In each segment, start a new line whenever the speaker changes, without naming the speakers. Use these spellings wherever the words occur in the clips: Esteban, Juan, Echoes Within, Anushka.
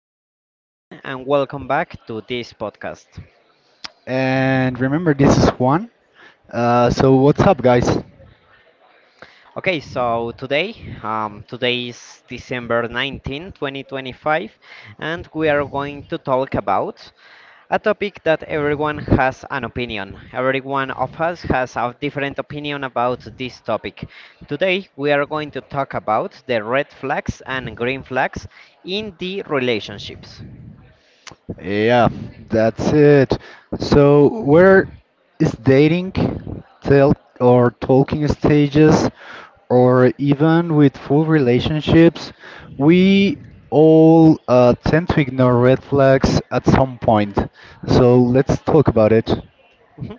is Esteban and welcome back to this podcast.
And remember, this is Juan. So, what's up, guys?
Okay, so today is December 19, 2025, and we are going to talk about a topic that everyone has an opinion. Every one of us has a different opinion about this topic. Today, we are going to talk about the red flags and green flags in the relationships.
Yeah, that's it. So, where is dating, or talking stages, or even with full relationships? We all tend to ignore red flags at some point. So, let's talk about it.
Mhm.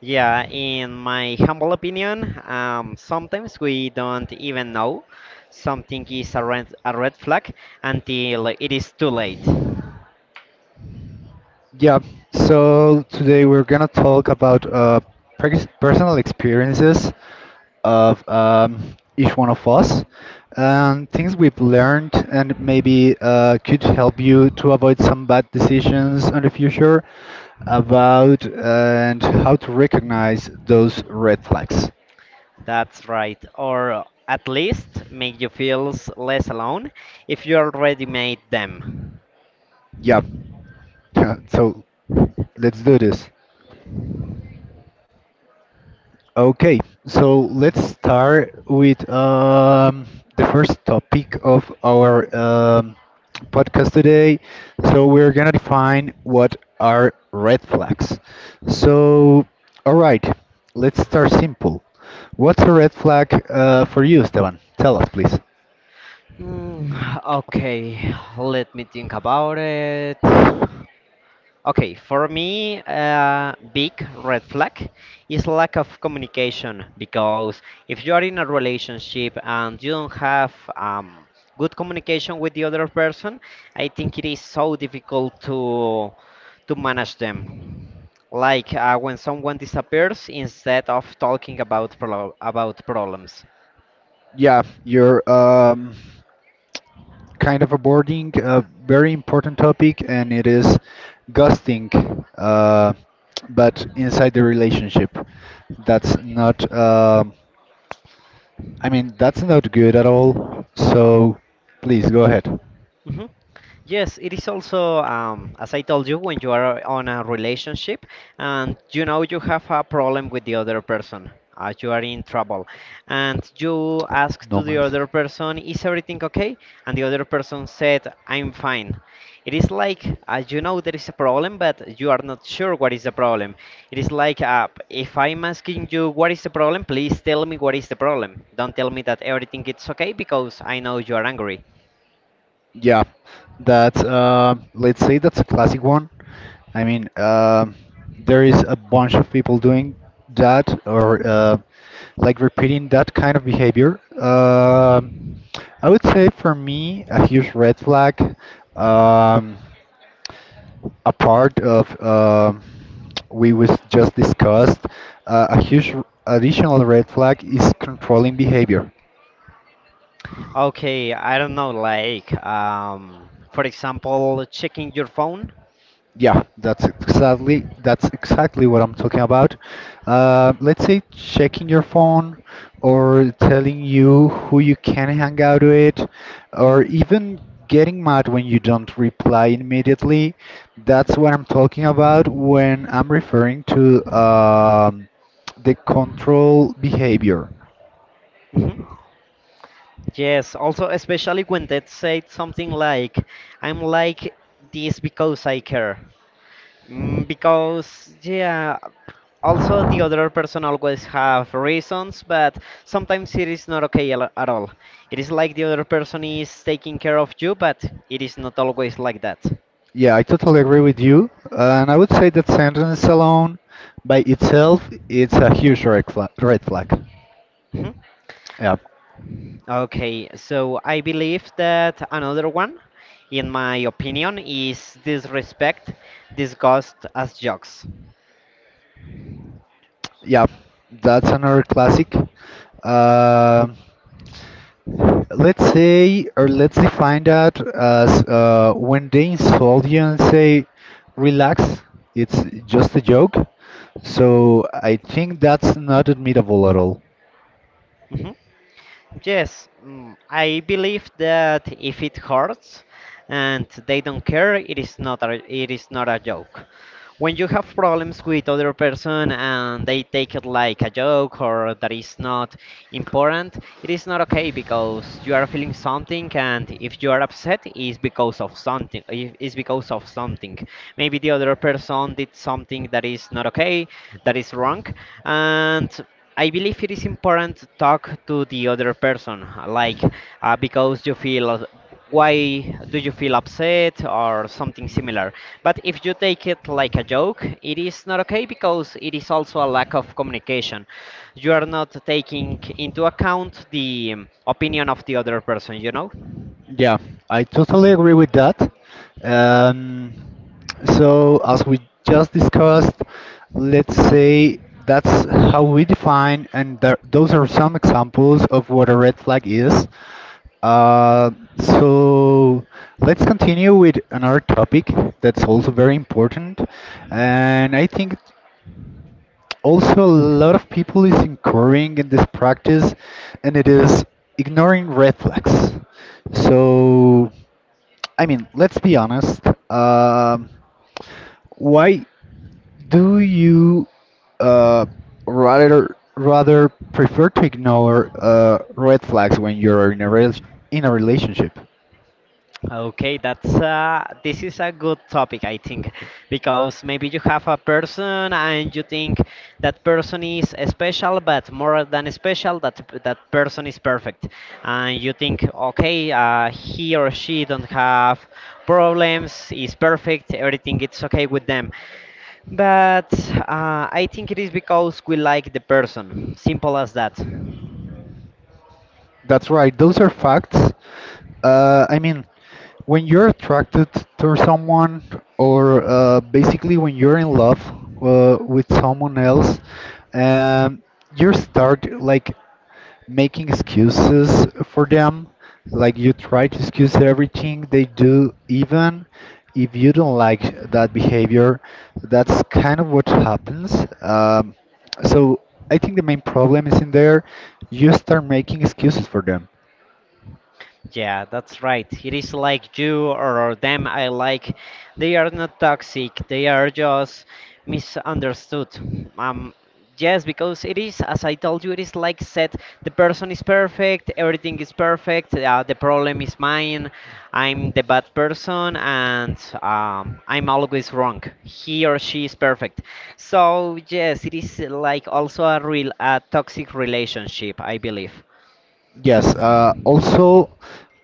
Yeah, in my humble opinion, sometimes we don't even know something is a red flag until it is too late.
Yeah, so today we're gonna talk about personal experiences of each one of us and things we've learned and maybe could help you to avoid some bad decisions in the future about and how to recognize those red flags.
That's right. Or at least make you feel less alone if you already made them.
Yeah, so let's do this. Okay, so let's start with the first topic of our podcast today. So, we're gonna define what are red flags. So, all right, let's start simple. What's a red flag for you, Esteban? Tell us, please.
Hmm, okay, let me think about it. Okay, for me, big red flag is lack of communication because if you are in a relationship and you don't have um, good communication with the other person, I think it is so difficult to manage them. Like, when someone disappears, instead of talking about about problems.
Yeah, your kind of abording a very important topic, and it is ghosting, uh, but inside the relationship. That's not, I mean, that's not good at all. So please go ahead.
Mhm. Yes, it is also, as I told you, when you are on a relationship and you know you have a problem with the other person, you are in trouble, and you ask
No
to the
mas.
other person, is everything okay? And the other person said, I'm fine. It is like, you know there is a problem, but you are not sure what is the problem. It is like, if I'm asking you what is the problem, please tell me what is the problem. Don't tell me that everything is okay because I know you are angry.
Yeah, that's let's say that's a classic one. I mean, there is a bunch of people doing that or like repeating that kind of behavior. I would say for me, a huge red flag, um, a part of we was just discussed, a huge additional red flag is controlling behavior.
Okay, I don't know, like, for example, checking your phone.
Yeah, that's exactly what I'm talking about. Let's say checking your phone or telling you who you can hang out with, or even getting mad when you don't reply immediately. That's what I'm talking about when I'm referring to the control behavior.
Mhm. Yes, also, especially when they said something like, I'm like this because I care. Because, yeah, also the other person always have reasons, but sometimes it is not okay at all. It is like the other person is taking care of you, but it is not always like that.
Yeah, I totally agree with you, and I would say that sentence alone by itself it's a huge red flag. Red flag. Yeah.
Okay, so I believe that another one, in my opinion, is disrespect discussed as jokes.
Yeah, that's another classic. Um let's say, or let's define that as when they insult you and say, relax, it's just a joke. So I think that's not admittable at all.
Mhm. Yes, I believe that if it hurts and they don't care, it is not a joke. When you have problems with other person and they take it like a joke or that is not important, it is not okay because you are feeling something, and if you are upset is because of something, is because of something. Maybe the other person did something that is not okay, that is wrong, and I believe it is important to talk to the other person, like, because you feel why do you feel upset or something similar. But if you take it like a joke, it is not okay because it is also a lack of communication. You are not taking into account the opinion of the other person, you know?
Yeah, I totally agree with that. Um, so, as we just discussed, let's say that's how we define, and there, those are some examples of what a red flag is. Uh, so, let's continue with another topic that's also very important, and I think also a lot of people is incurring in this practice, and it is ignoring red flags. So. I mean, let's be honest. Um, why do you uh, rather prefer to ignore red flags when you're in a rel in a relationship?
Okay, that's this is a good topic, I think, because maybe you have a person and you think that person is special, but more than special, that that person is perfect, and you think, okay, he or she don't have problems, is perfect, everything it's okay with them. But, I think it is because we like the person, simple as that.
That's right. Those are facts. I mean, when you're attracted to someone, or basically when you're in love with someone else, um, you start like making excuses for them. Like you try to excuse everything they do, even if you don't like that behavior. That's kind of what happens. So I think the main problem is in there. You start making excuses for them.
Yeah, that's right. It is like you or them I like. They are not toxic. They are just misunderstood. Um, yes, because it is, as I told you, it is like said, the person is perfect, everything is perfect, the problem is mine, I'm the bad person, and, I'm always wrong. He or she is perfect. So yes, it is like also a toxic relationship, I believe.
Yes. Also,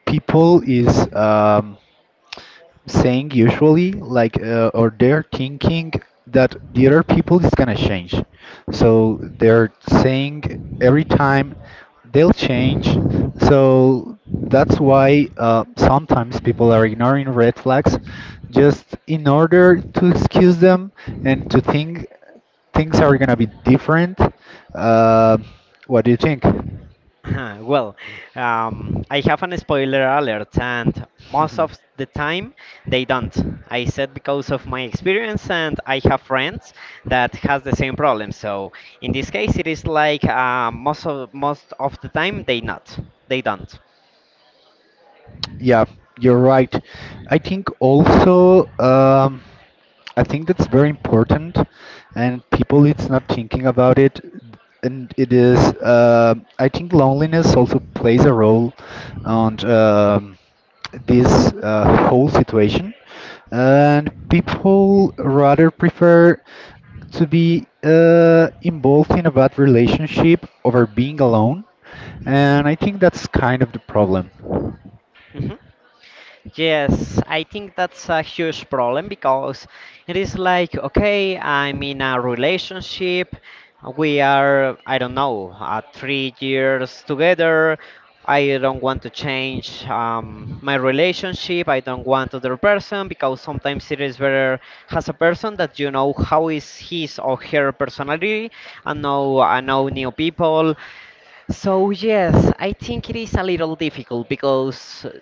people is saying usually like or they're thinking that the other people is gonna change so they're saying every time they'll change so that's why sometimes people are ignoring red flags just in order to excuse them and to think things are gonna be different uh, what do you think?
Well, I have an spoiler alert, and most of the time they don't. I said because of my experience, and I have friends that has the same problem. So in this case, it is like, most of the time they don't.
Yeah, you're right. I think also I think that's very important, and people it's not thinking about it, and it is. I think loneliness also plays a role on this whole situation, and people rather prefer to be involved in a bad relationship over being alone, and I think that's kind of the problem.
Mhm. Yes, I think that's a huge problem because it is like, okay, I'm in a relationship. We are, I don't know, 3 years together. I don't want to change my relationship. I don't want other person because sometimes it is better as a person that you know how is his or her personality, and know I know new people. So yes, I think it is a little difficult because,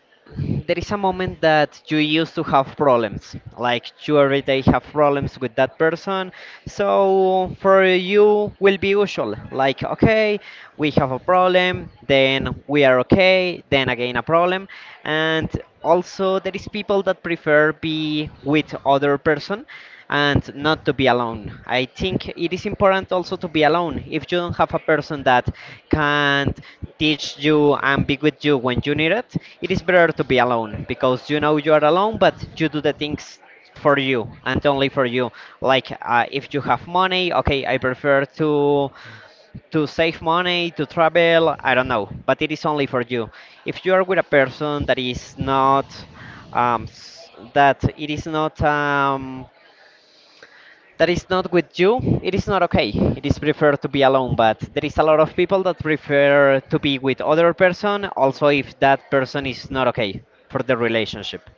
there is a moment that you used to have problems. Like you every day have problems with that person. So for you will be usual. Like okay, we have a problem, then we are okay, then again a problem. And also there is people that prefer be with other person and not to be alone. I think it is important also to be alone. If you don't have a person that can teach you and be with you when you need it, it is better to be alone because you know you are alone, but you do the things for you and only for you. Like, if you have money, okay, I prefer to save money to travel, I don't know, but it is only for you. If you are with a person that is not, that it is not, that is not with you, it is not okay. It is preferred to be alone, but there is a lot of people that prefer to be with other person also if that person is not okay for the relationship.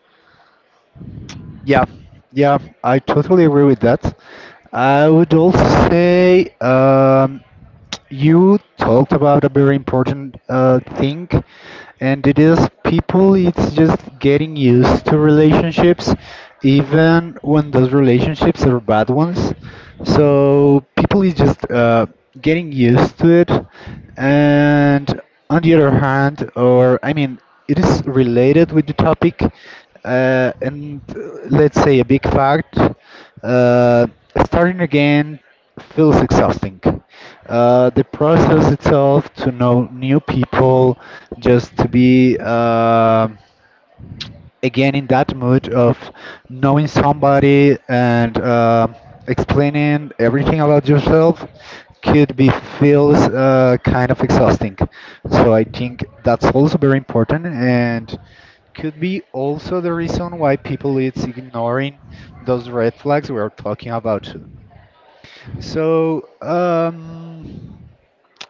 Yeah, yeah, I totally agree with that. I would also say. You talked about a very important thing, and it is people, it's just getting used to relationships, even when those relationships are bad ones. So people is just getting used to it, and on the other hand, or I mean, it is related with the topic, and let's say a big fact, uh, starting again feels exhausting. The process itself to know new people, just to be again in that mood of knowing somebody and explaining everything about yourself could be feels kind of exhausting. So I think that's also very important and could be also the reason why people is ignoring those red flags we are talking about too. So,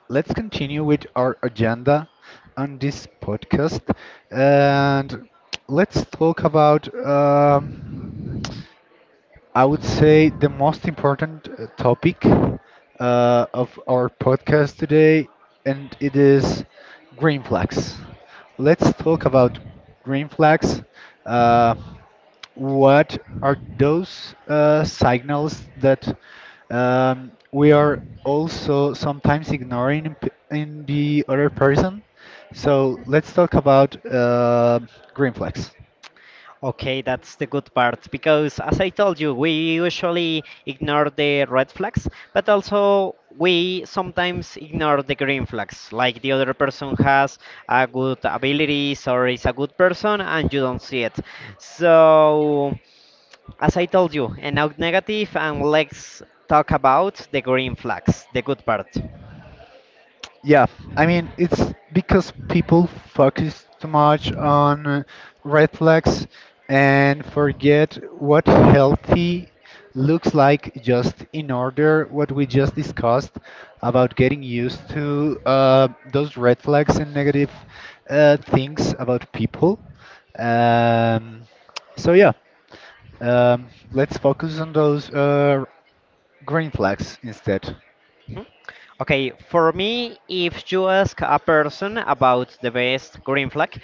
let's continue with our agenda on this podcast and let's talk about I would say the most important topic of our podcast today and it is green flags. Let's talk about green flags. Uh, what are those signals that we are also sometimes ignoring in the other person? So let's talk about green flags.
Okay, that's the good part because, as I told you, we usually ignore the red flags, but also we sometimes ignore the green flags, like the other person has a good abilities or is a good person and you don't see it. So, as I told you, and now negative, and let's talk about the green flags, the good part.
Yeah, I mean, it's because people focus too much on red flags and forget what healthy looks like just in order what we just discussed about getting used to those red flags and negative things about people. Um, so yeah, let's focus on those green flags instead.
Mhm. Okay, for me, if you ask a person about the best green flag,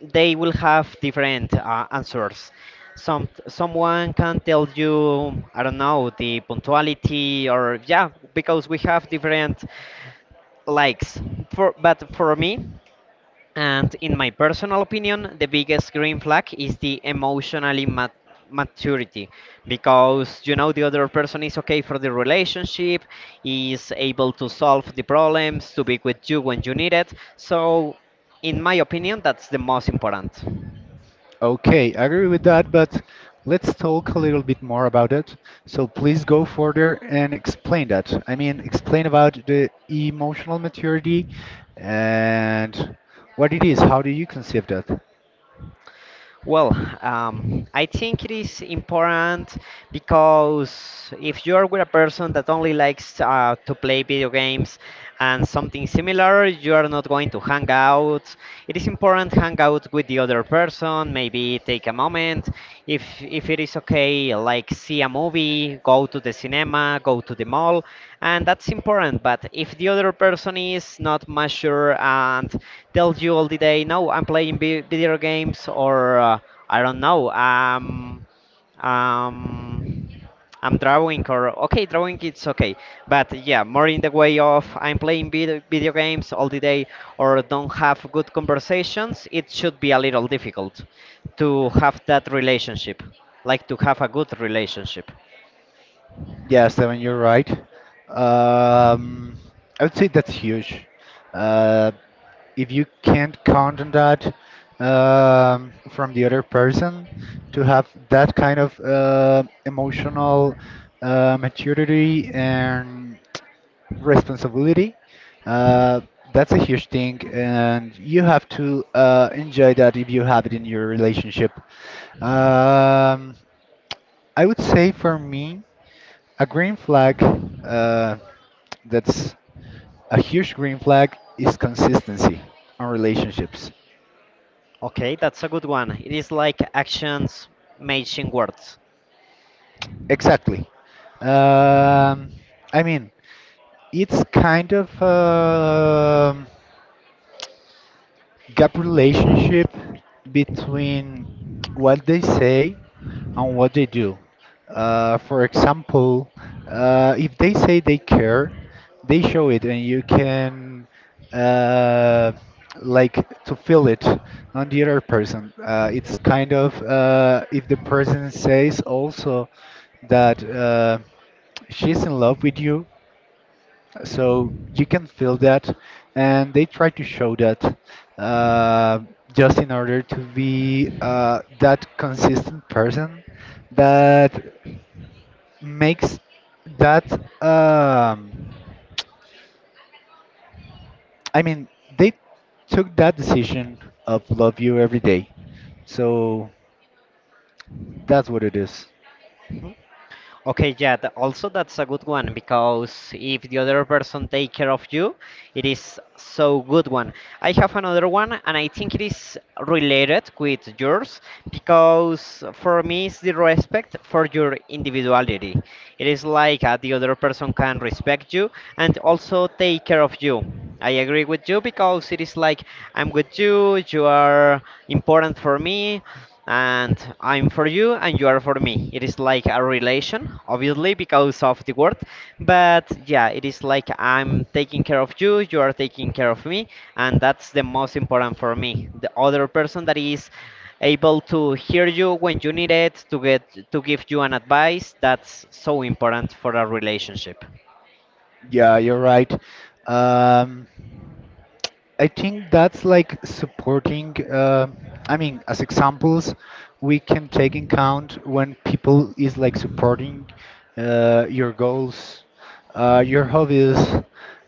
they will have different, answers. Someone can tell you, I don't know, the punctuality, or yeah, because we have different likes. For but for me, and in my personal opinion, the biggest green flag is the emotionally maturity because you know the other person is okay for the relationship, is able to solve the problems, to be with you when you need it. So, in my opinion, that's the most important.
Okay, I agree with that, but let's talk a little bit more about it. So please go further and explain that. I mean, explain about the emotional maturity and what it is. How do you conceive that?
Well, I think it is important because if you're with a person that only likes, to play video games and something similar, you are not going to hang out. It is important hang out with the other person, maybe take a moment if it is okay, like see a movie, go to the cinema, go to the mall, and that's important, but if the other person is not mature and tells you all the day, no, I'm playing video games, or, I don't know, um I'm drawing, or okay, drawing it's okay, but yeah, more in the way of I'm playing video games all the day, or don't have good conversations, it should be a little difficult to have that relationship, like to have a good relationship.
Yeah, Esteban, you're right. Um, I would say that's huge. Uh, if you can't count on that from the other person to have that kind of emotional maturity and responsibility,
Mhm.
uh, that's a huge thing, and you have to enjoy that if you have it in your relationship. Um, I would say for me. A green flag, uh, that's a huge green flag, is consistency on relationships.
Okay, that's a good one. It is like actions matching words.
Exactly. Um, I mean, it's kind of gap relationship between what they say and what they do. For example, if they say they care, they show it, and you can uh, like to feel it on the other person. It's kind of if the person says also that she's in love with you, so you can feel that and they try to show that uh, just in order to be that consistent person that makes that um, I mean they took that decision of love you every day so that's what it is.
Mhm. Okay, yeah, also that's a good one because if the other person take care of you, it is so good one. I have another one, and I think it is related with yours because for me it's the respect for your individuality. It is like, the other person can respect you and also take care of you. I agree with you because it is like I'm with you, you are important for me, and I'm for you and you are for me. It is like a relation, obviously, because of the word, but yeah, it is like I'm taking care of you, you are taking care of me, and that's the most important for me. The other person that is able to hear you when you need it, to give you an advice, that's so important for a relationship.
Yeah, you're right. um, I think that's like supporting. I mean, as examples, we can take in count when people is like supporting your goals, your hobbies,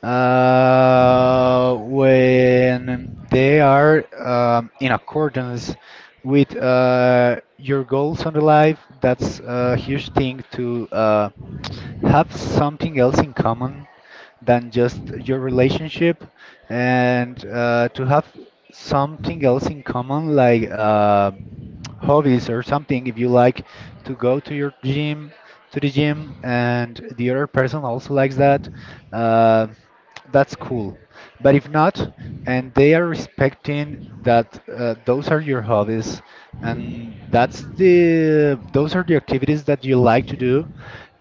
when they are in accordance with your goals on the life. That's a huge thing to have something else in common than just your relationship and to have something else in common like hobbies or something if you like to go to the gym and the other person also likes that uh, that's cool but if not and they are respecting that those are your hobbies and that's the those are the activities that you like to do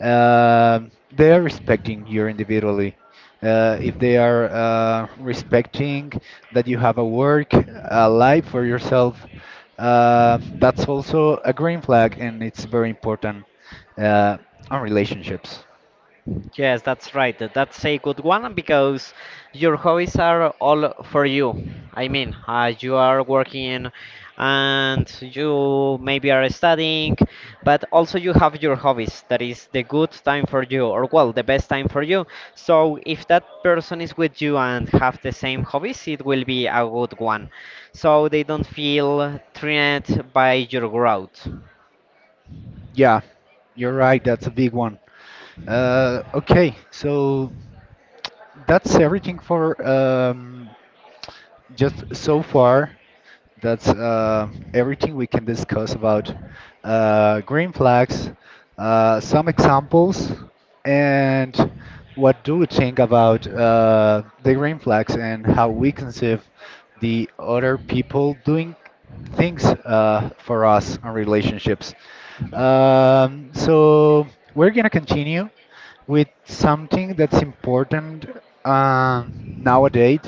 they are respecting you individually if they are respecting that you have a work, a life for yourself, that's also a green flag, and it's very important uh, on relationships.
Yes, that's right. That's a good one because your hobbies are all for you. I mean, you are working and you maybe are studying, but also you have your hobbies. That is the good time for you, or well, the best time for you. So if that person is with you and have the same hobbies, it will be a good one. So they don't feel threatened by your growth.
Yeah, you're right. That's a big one. Okay, so that's everything for just so far. That's everything we can discuss about green flags, some examples, and what do we think about the green flags and how we conceive the other people doing things for us on relationships.
Mhm.
So we're gonna continue with something that's important um, nowadays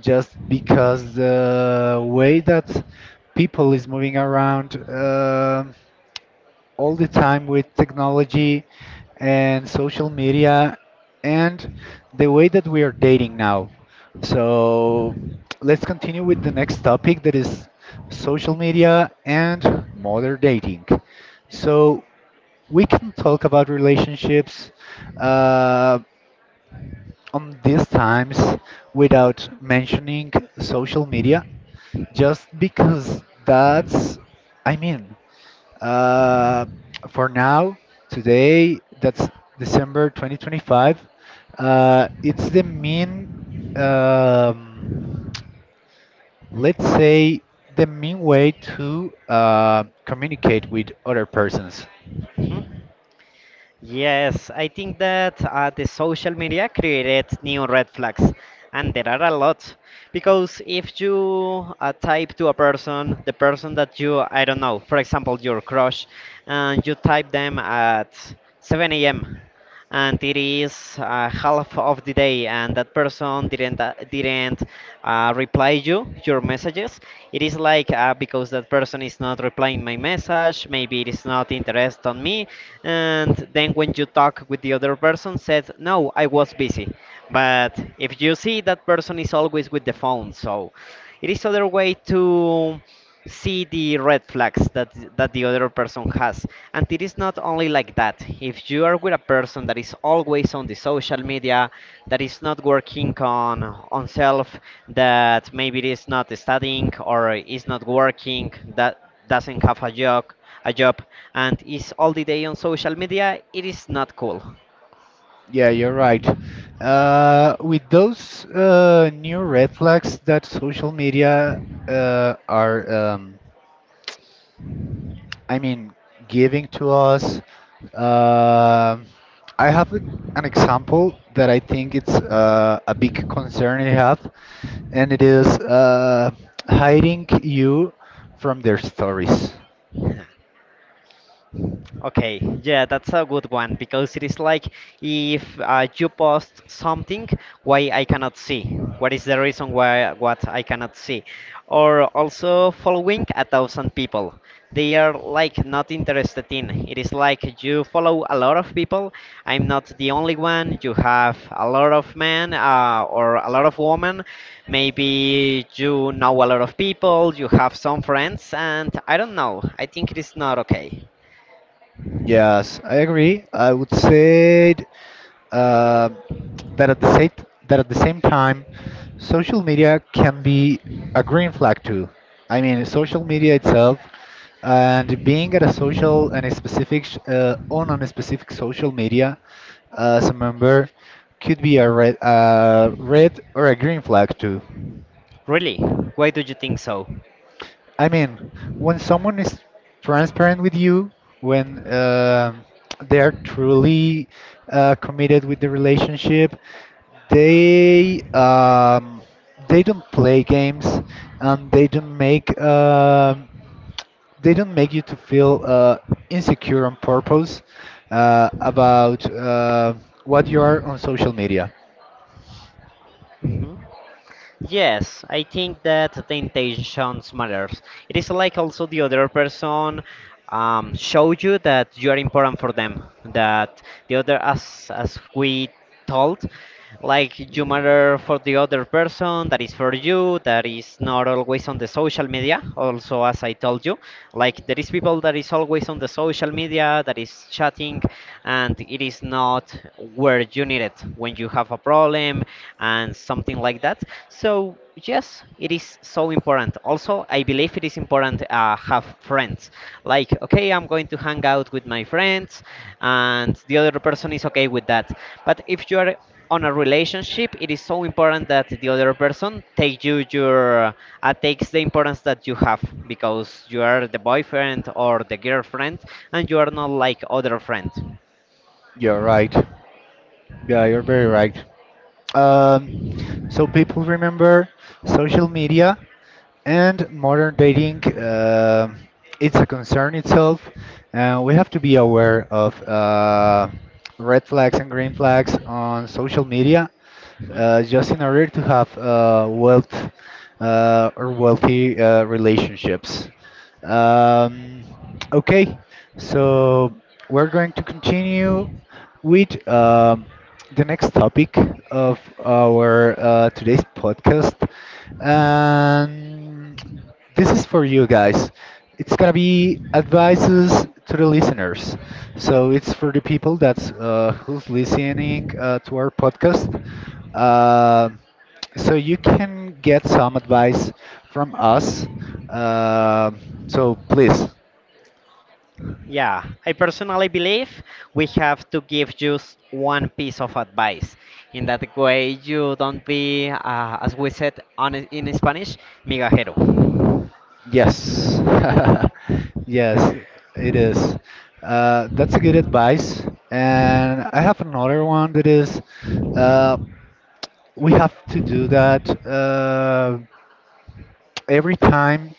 just because the way that people is moving around all the time with technology and social media and the way that we are dating now so let's continue with the next topic that is social media and modern dating. So we can talk about relationships uh, on these times without mentioning social media just because that's I mean uh, for now today that's december 2025 it's the mean um, let's say the mean way to communicate with other persons.
Mhm. Yes, I think that, the social media created new red flags, and there are a lot. Because if you type to a person, the person that you, I don't know, for example, your crush, and you type them at 7 a.m and it is half of the day, and that person didn't reply you your messages. It is like because that person is not replying my message, maybe it is not interest on me. And then when you talk with the other person said no, I was busy. But if you see that person is always with the phone, so it is other way to see the red flags that the other person has. And it is not only like that. If you are with a person that is always on the social media, that is not working on self, that maybe it is not studying or is not working, that doesn't have a job a job and is all the day on social media, it is not cool.
Yeah, you're right. With those new red flags that social media uh, are, um, I mean, giving to us, um I have an example that I think it's a big concern I have, and it is hiding you from their stories.
Okay, yeah, that's a good one, because it is like if you post something, why I cannot see? What is the reason why what I cannot see? Or also following a thousand people, they are like not interested in. It is like you follow a lot of people. I'm not the only one. You have a lot of men or a lot of women. Maybe you know a lot of people. You have some friends, and I don't know. I think it is not okay.
Yes, I agree. I would say uh, that at the same that at the same time, social media can be a green flag too. I mean, social media itself and being at a social and a specific social media as a member could be a red, red or a green flag too.
Really? Why do you think so?
I mean, when someone is transparent with you, when they are truly committed with the relationship, they um, they don't play games and they don't make you to feel insecure on purpose about what you are on social media.
hmm Yes, I think that the intentions matters. It is like also the other person show you that you are important for them. That the other, as we told, like you matter for the other person. That is for you. That is not always on the social media. Also, as I told you, like there is people that is always on the social media that is chatting, and it is not where you need it. When you have a problem, and something like that. So yes, it is so important. Also, I believe it is important have friends. Like okay, I'm going to hang out with my friends, and the other person is okay with that. But if you are on a relationship, it is so important that the other person takes the importance that you have, because you are the boyfriend or the girlfriend, and you are not like other friend.
You're right. Yeah, you're very right. Um, so people remember social media and modern dating, it's a concern itself. We have to be aware of red flags and green flags on social media,
Mhm.
just in order to have wealthy relationships. Um, okay, so we're going to continue with. The next topic of our today's podcast. And this is for you guys. It's gonna be advices to the listeners. So it's for the people that's who's listening to our podcast. Uh, so you can get some advice from us. Uh, so please.
Yeah, I personally believe we have to give just one piece of advice. In that way, you don't be, as we said on, in Spanish, migajero.
Yes, yes, it is. That's a good advice. And I have another one that is uh, we have to do that every time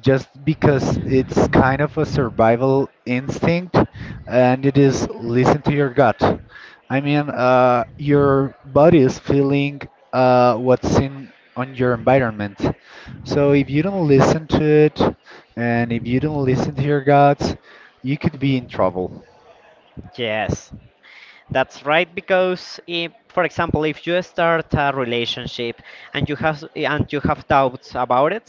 just because it's kind of a survival instinct and it is listen to your gut. I mean, your body is feeling what's in on your environment. So if you don't listen to it and if you don't listen to your gut, you could be in trouble.
Yes. That's right, because if, for example, if you start a relationship and you have doubts about it,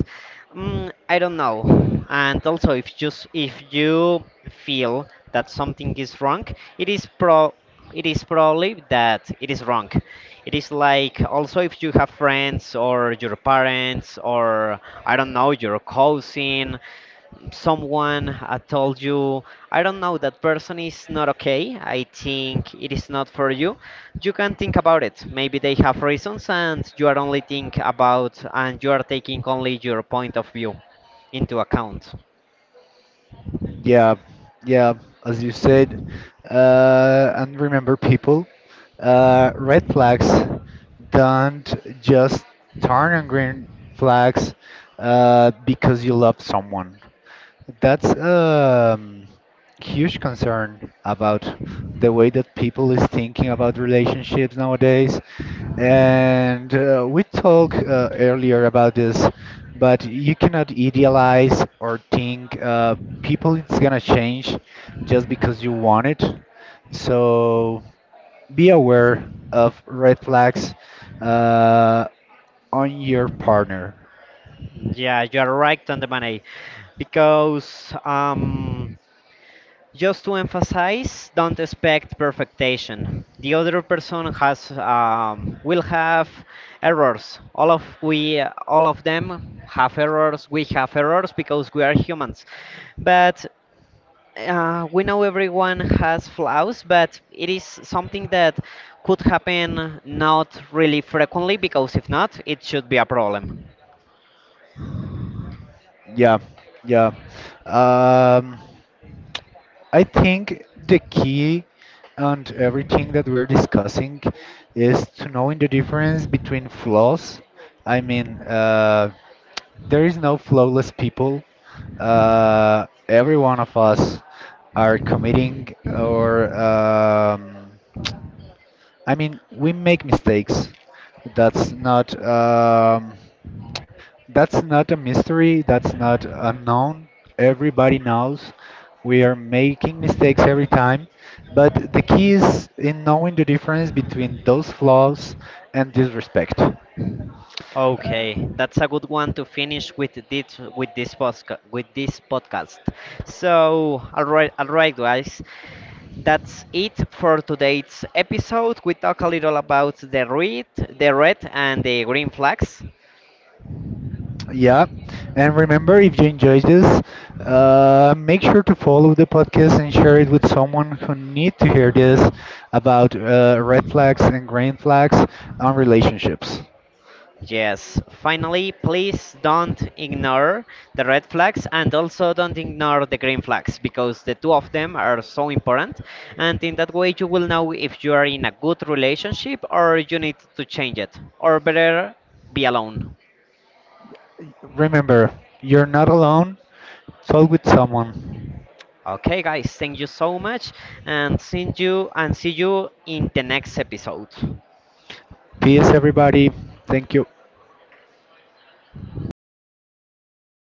mm, I don't know. And also, if just if you feel that something is wrong, it is pro it is probably that it is wrong. It is like also if you have friends or your parents or I don't know your cousin, someone told you, I don't know, that person is not okay, I think it is not for you, you can think about it. Maybe they have reasons, and you are taking only your point of view into account.
Yeah, yeah, as you said. And remember, people, red flags don't just turn on green flags because you love someone. That's a huge concern about the way that people is thinking about relationships nowadays. And we talked earlier about this, but you cannot idealize or think people it's gonna change just because you want it. So be aware of red flags uh, on your partner.
Yeah, you are right on the money because just to emphasize, don't expect perfection. The other person has will have errors. All of them have errors. We have errors because we are humans. But we know everyone has flaws, but it is something that could happen not really frequently, because if not, it should be a problem.
Yeah, yeah. Um, I think the key and everything that we're discussing is to knowing the difference between flaws. I mean, there is no flawless people. Every one of us are committing or I mean, we make mistakes. That's not. Um, that's not a mystery. That's not unknown. Everybody knows we are making mistakes every time. But the key is in knowing the difference between those flaws and disrespect. Uh,
Okay, that's a good one to finish with this podcast. So, all right, guys. That's it for today's episode. We talk a little about the red and the green flags.
yeah. And remember, if you enjoyed this, make sure to follow the podcast and share it with someone who need to hear this about red flags and green flags on relationships.
Yes, finally, please don't ignore the red flags, and also don't ignore the green flags, because the two of them are so important. And in that way, you will know if you are in a good relationship or you need to change it, or better, be alone.
Remember, you're not alone. Talk with someone.
Okay, guys, thank you so much, and see you in the next episode.
Peace, everybody. Thank you.